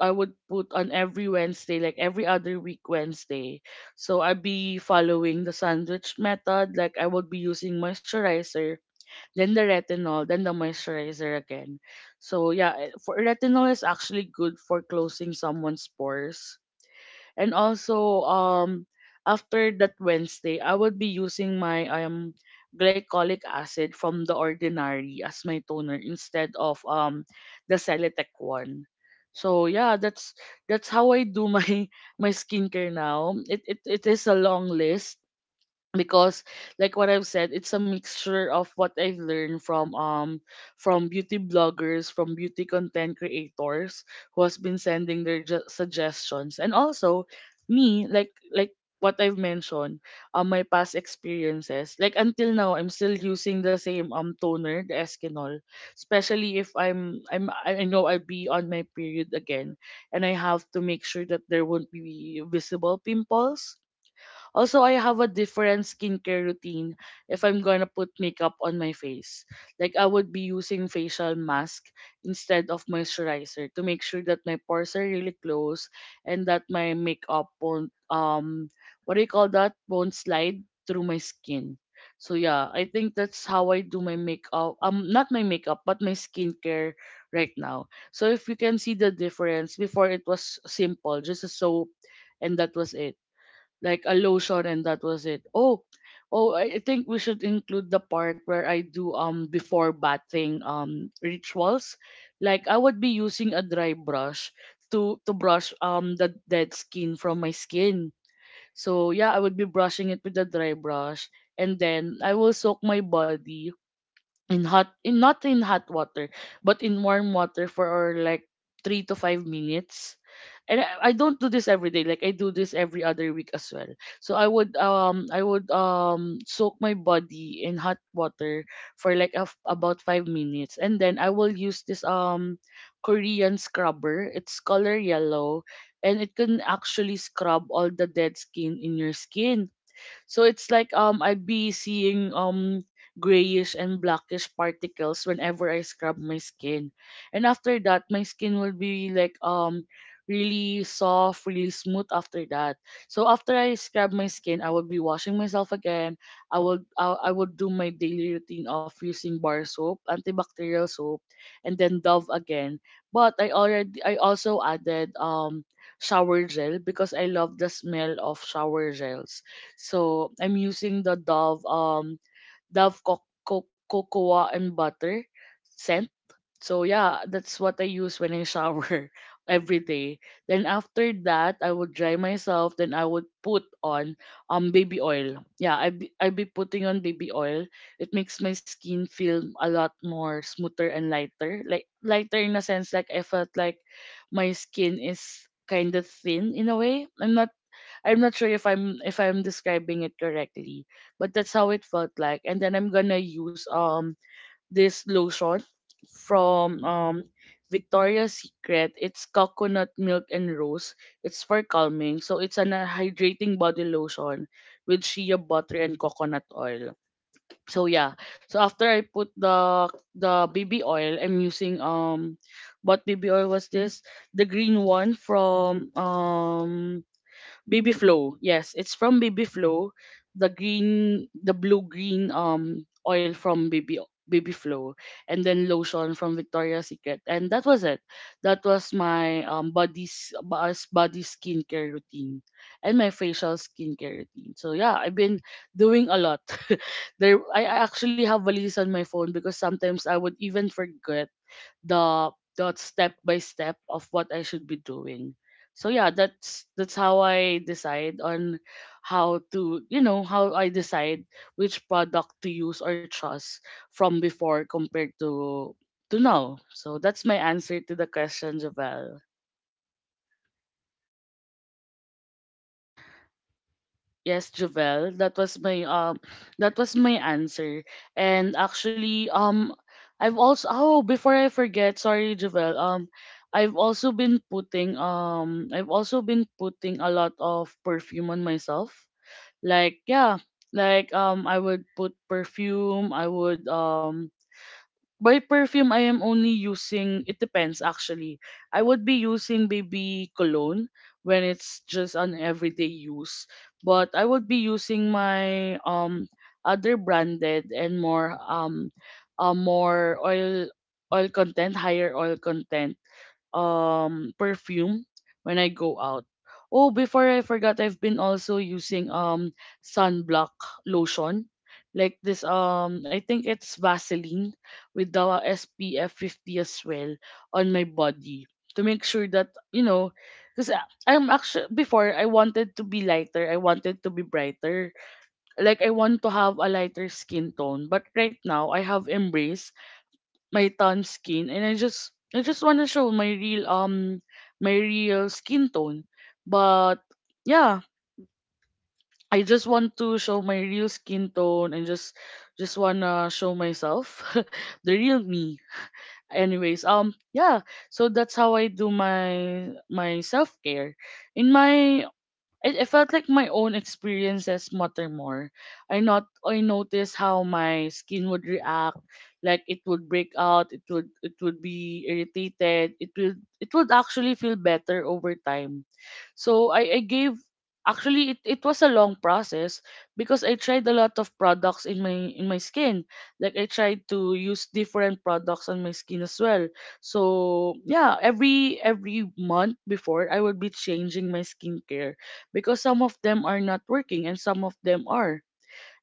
I would put on every Wednesday, like every other week Wednesday. So I'd be following the sandwich method, like I would be using moisturizer, then the retinol, then the moisturizer again. So yeah, eh, for retinol is actually good for closing someone's pores. And also, after that Wednesday, I would be using my glycolic acid from the ordinary as my toner instead of the Celetec one. So yeah, that's how I do my my skincare now. It is a long list because like what I've said, it's a mixture of what I've learned from beauty bloggers, from beauty content creators who has been sending their suggestions, and also me, like what I've mentioned, my past experiences. Like until now, I'm still using the same toner, the Eskinol, especially if I know I'll be on my period again, and I have to make sure that there won't be visible pimples. Also, I have a different skincare routine if I'm gonna put makeup on my face. Like I would be using facial mask instead of moisturizer to make sure that my pores are really closed and that my makeup won't what do you call that? Won't slide through my skin. So yeah, I think that's how I do my makeup. Not my makeup, but my skincare right now. So if you can see the difference, before it was simple, just a soap, and that was it, like a lotion and that was it. Oh, I think we should include the part where I do before bathing rituals. Like I would be using a dry brush to brush the dead skin from my skin. So yeah, I would be brushing it with a dry brush and then I will soak my body in not in hot water but in warm water for like 3 to 5 minutes, and I don't do this every day, like I do this every other week as well. So I would soak my body in hot water for like a, f about 5 minutes, and then I will use this Korean scrubber. It's color yellow, and it can actually scrub all the dead skin in your skin. So it's like I'd be seeing grayish and blackish particles whenever I scrub my skin. And after that my skin will be like really soft, really smooth after that. So after I scrub my skin, I would be washing myself again. I would do my daily routine of using bar soap, antibacterial soap, and then Dove again. But I also added shower gel because I love the smell of shower gels. So I'm using the Dove Dove cocoa and butter scent. So yeah, that's what I use when I shower every day. Then after that, I would dry myself. Then I would put on baby oil. Yeah, I be putting on baby oil. It makes my skin feel a lot more smoother and lighter. Like lighter in a sense, like I felt like my skin is kind of thin in a way. I'm not sure if I'm describing it correctly, but that's how it felt like. And then I'm gonna use this lotion from Victoria's Secret. It's coconut milk and rose. It's for calming, so it's an hydrating body lotion with shea butter and coconut oil. So yeah, so after I put the baby oil, I'm using what baby oil was this? The green one from BB Flow. Yes, it's from BB Flow, the green, the blue green oil from BB Flow, and then lotion from Victoria's Secret, and that was it. That was my body skincare routine, and my facial skincare routine. So yeah, I've been doing a lot. There, I actually have a list on my phone because sometimes I would even forget the the step by step of what I should be doing. So yeah, that's how I decide on how to, you know, how I decide which product to use or trust from before compared to now. So that's my answer to the question, Javel. Yes, Jovel, that was my answer. And actually I've also, oh before I forget, sorry Jovel, I've also been putting a lot of perfume on myself. Like yeah, like I would put perfume, I would by perfume, I am only using, it depends actually. I would be using baby cologne when it's just an everyday use. But I would be using my other branded and more more oil content, higher oil content perfume when I go out. Oh, before I forgot, I've been also using sunblock lotion. Like this I think it's Vaseline with the SPF 50 as well on my body to make sure that you know. Because I'm actually before, I wanted to be lighter, I wanted to be brighter. Like I want to have a lighter skin tone, but right now I have embraced my tan skin and I just want to show my real my real skin tone. But yeah, I just want to show my real skin tone and just wanna show myself the real me. Anyways, yeah, so that's how I do my self-care. In my It felt like my own experiences matter more. I not I noticed how my skin would react, like it would break out, it would be irritated, it would actually feel better over time. So I gave actually it was a long process because I tried a lot of products in my skin. Like I tried to use different products on my skin as well. So yeah, every month before I would be changing my skincare because some of them are not working and some of them are.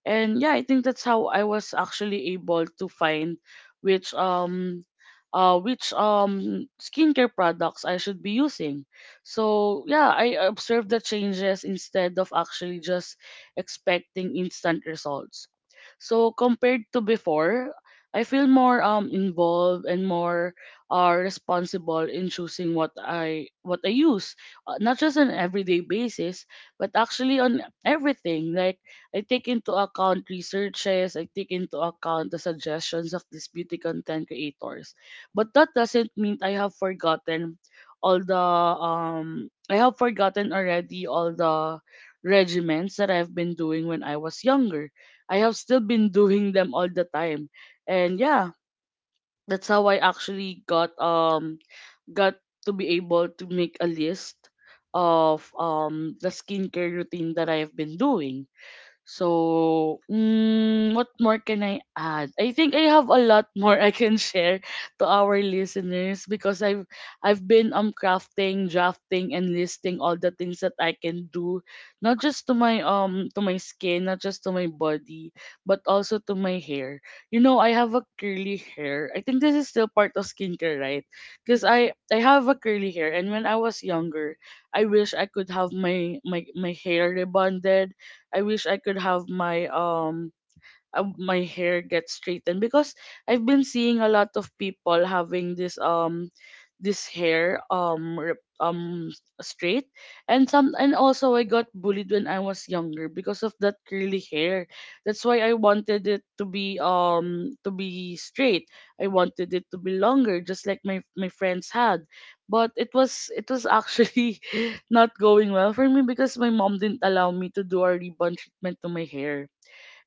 And yeah, I think that's how I was actually able to find which um which skincare products I should be using. So yeah, I observed the changes instead of actually just expecting instant results. So compared to before, I feel more involved and more responsible in choosing what I use, not just on everyday basis, but actually on everything. Like I take into account researches, I take into account the suggestions of these beauty content creators. But that doesn't mean I have forgotten all the I have forgotten already all the regimens that I've been doing when I was younger. I have still been doing them all the time. And yeah, that's how I actually got to be able to make a list of the skincare routine that I have been doing. So, what more can I add? I think I have a lot more I can share to our listeners because I've been crafting, drafting, and listing all the things that I can do, not just to my skin, not just to my body, but also to my hair. You know, I have a curly hair. I think this is still part of skincare, right? Because I have a curly hair, and when I was younger, I wish I could have my my hair rebonded. I wish I could have my my hair gets straightened, because I've been seeing a lot of people having this this hair straight. And some and also I got bullied when I was younger because of that curly hair. That's why I wanted it to be straight. I wanted it to be longer just like my friends had. But it was actually not going well for me because my mom didn't allow me to do a rebond treatment to my hair,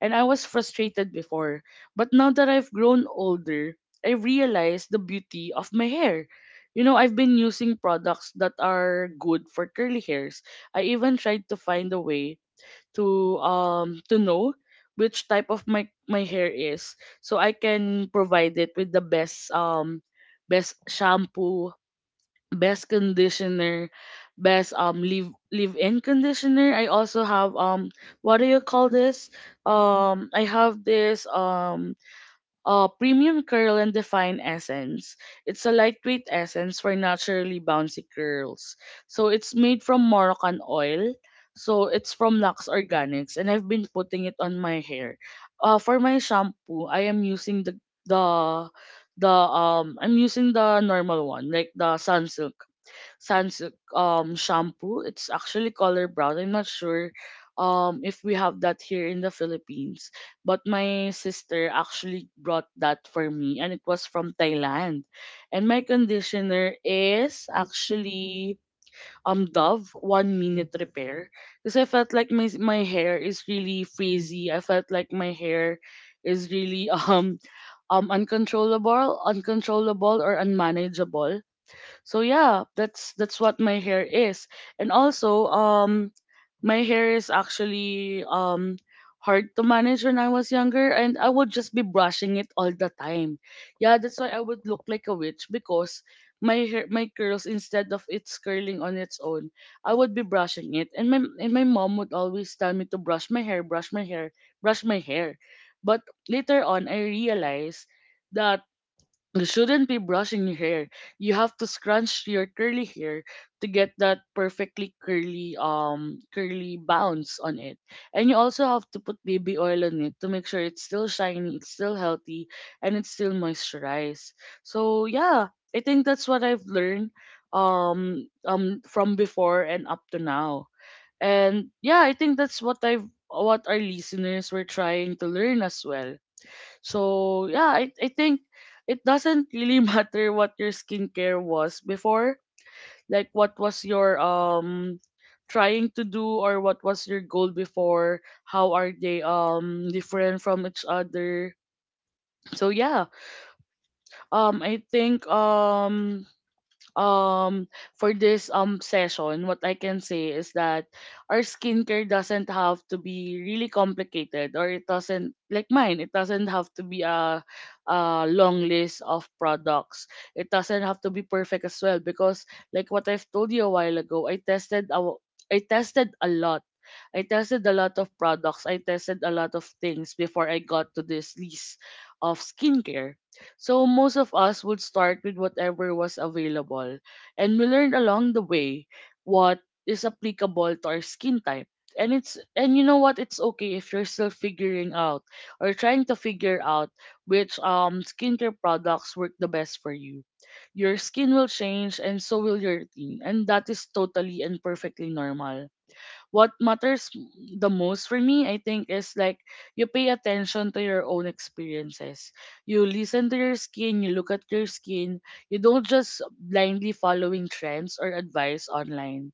and I was frustrated before. But now that I've grown older, I realize the beauty of my hair. You know, I've been using products that are good for curly hairs. I even tried to find a way to know which type of my hair is, so I can provide it with the best best shampoo, best conditioner, best leave in conditioner. I also have what do you call this? I have this premium curl and define essence. It's a lightweight essence for naturally bouncy curls. So it's made from Moroccan oil. So it's from Lux Organics and I've been putting it on my hair. For my shampoo, I am using the the I'm using the normal one, like the Sunsilk sans shampoo. It's actually color brown. I'm not sure if we have that here in the Philippines, but my sister actually brought that for me and it was from Thailand. And my conditioner is actually Dove One Minute Repair, because I felt like my hair is really frizzy. I felt like my hair is really uncontrollable, uncontrollable or unmanageable. So yeah, that's what my hair is. And also, my hair is actually hard to manage when I was younger, and I would just be brushing it all the time. Yeah, that's why I would look like a witch because my hair, my curls, instead of it's curling on its own, I would be brushing it, and my mom would always tell me to brush my hair, brush my hair, brush my hair. But later on, I realized that you shouldn't be brushing your hair. You have to scrunch your curly hair to get that perfectly curly curly bounce on it. And you also have to put baby oil on it to make sure it's still shiny, it's still healthy, and it's still moisturized. So yeah, I think that's what I've learned from before and up to now. And yeah, I think that's what I've what our listeners were trying to learn as well. So yeah, I think it doesn't really matter what your skincare was before, like what was your trying to do, or what was your goal before, how are they different from each other. So yeah, I think um for this session, what I can say is that our skincare doesn't have to be really complicated, or it doesn't, like mine, it doesn't have to be a long list of products. It doesn't have to be perfect as well, because like what I've told you a while ago, I tested a lot. I tested a lot of products. I tested a lot of things before I got to this list of skincare. So most of us would start with whatever was available, and we learned along the way what is applicable to our skin type. And it's, and you know what, it's okay if you're still figuring out or trying to figure out which skincare products work the best for you. Your skin will change and so will your routine, and that is totally and perfectly normal. What matters the most for me, I think, is like you pay attention to your own experiences. You listen to your skin, you look at your skin. You don't just blindly following trends or advice online.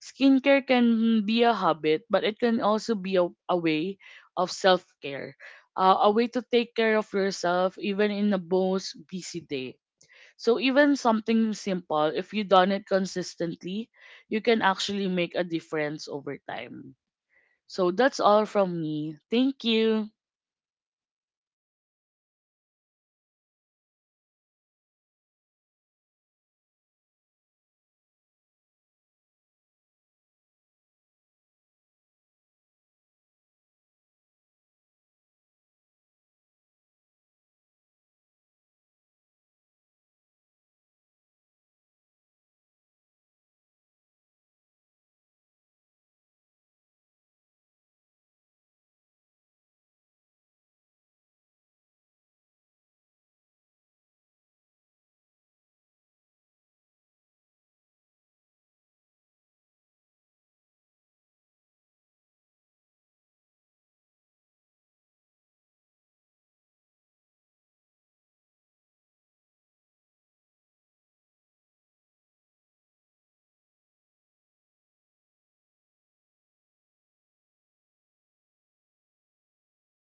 Skincare can be a habit, but it can also be a way of self care. A way to take care of yourself even in the most busy day. So even something simple, if you done it consistently, you can actually make a difference over time. So that's all from me. Thank you.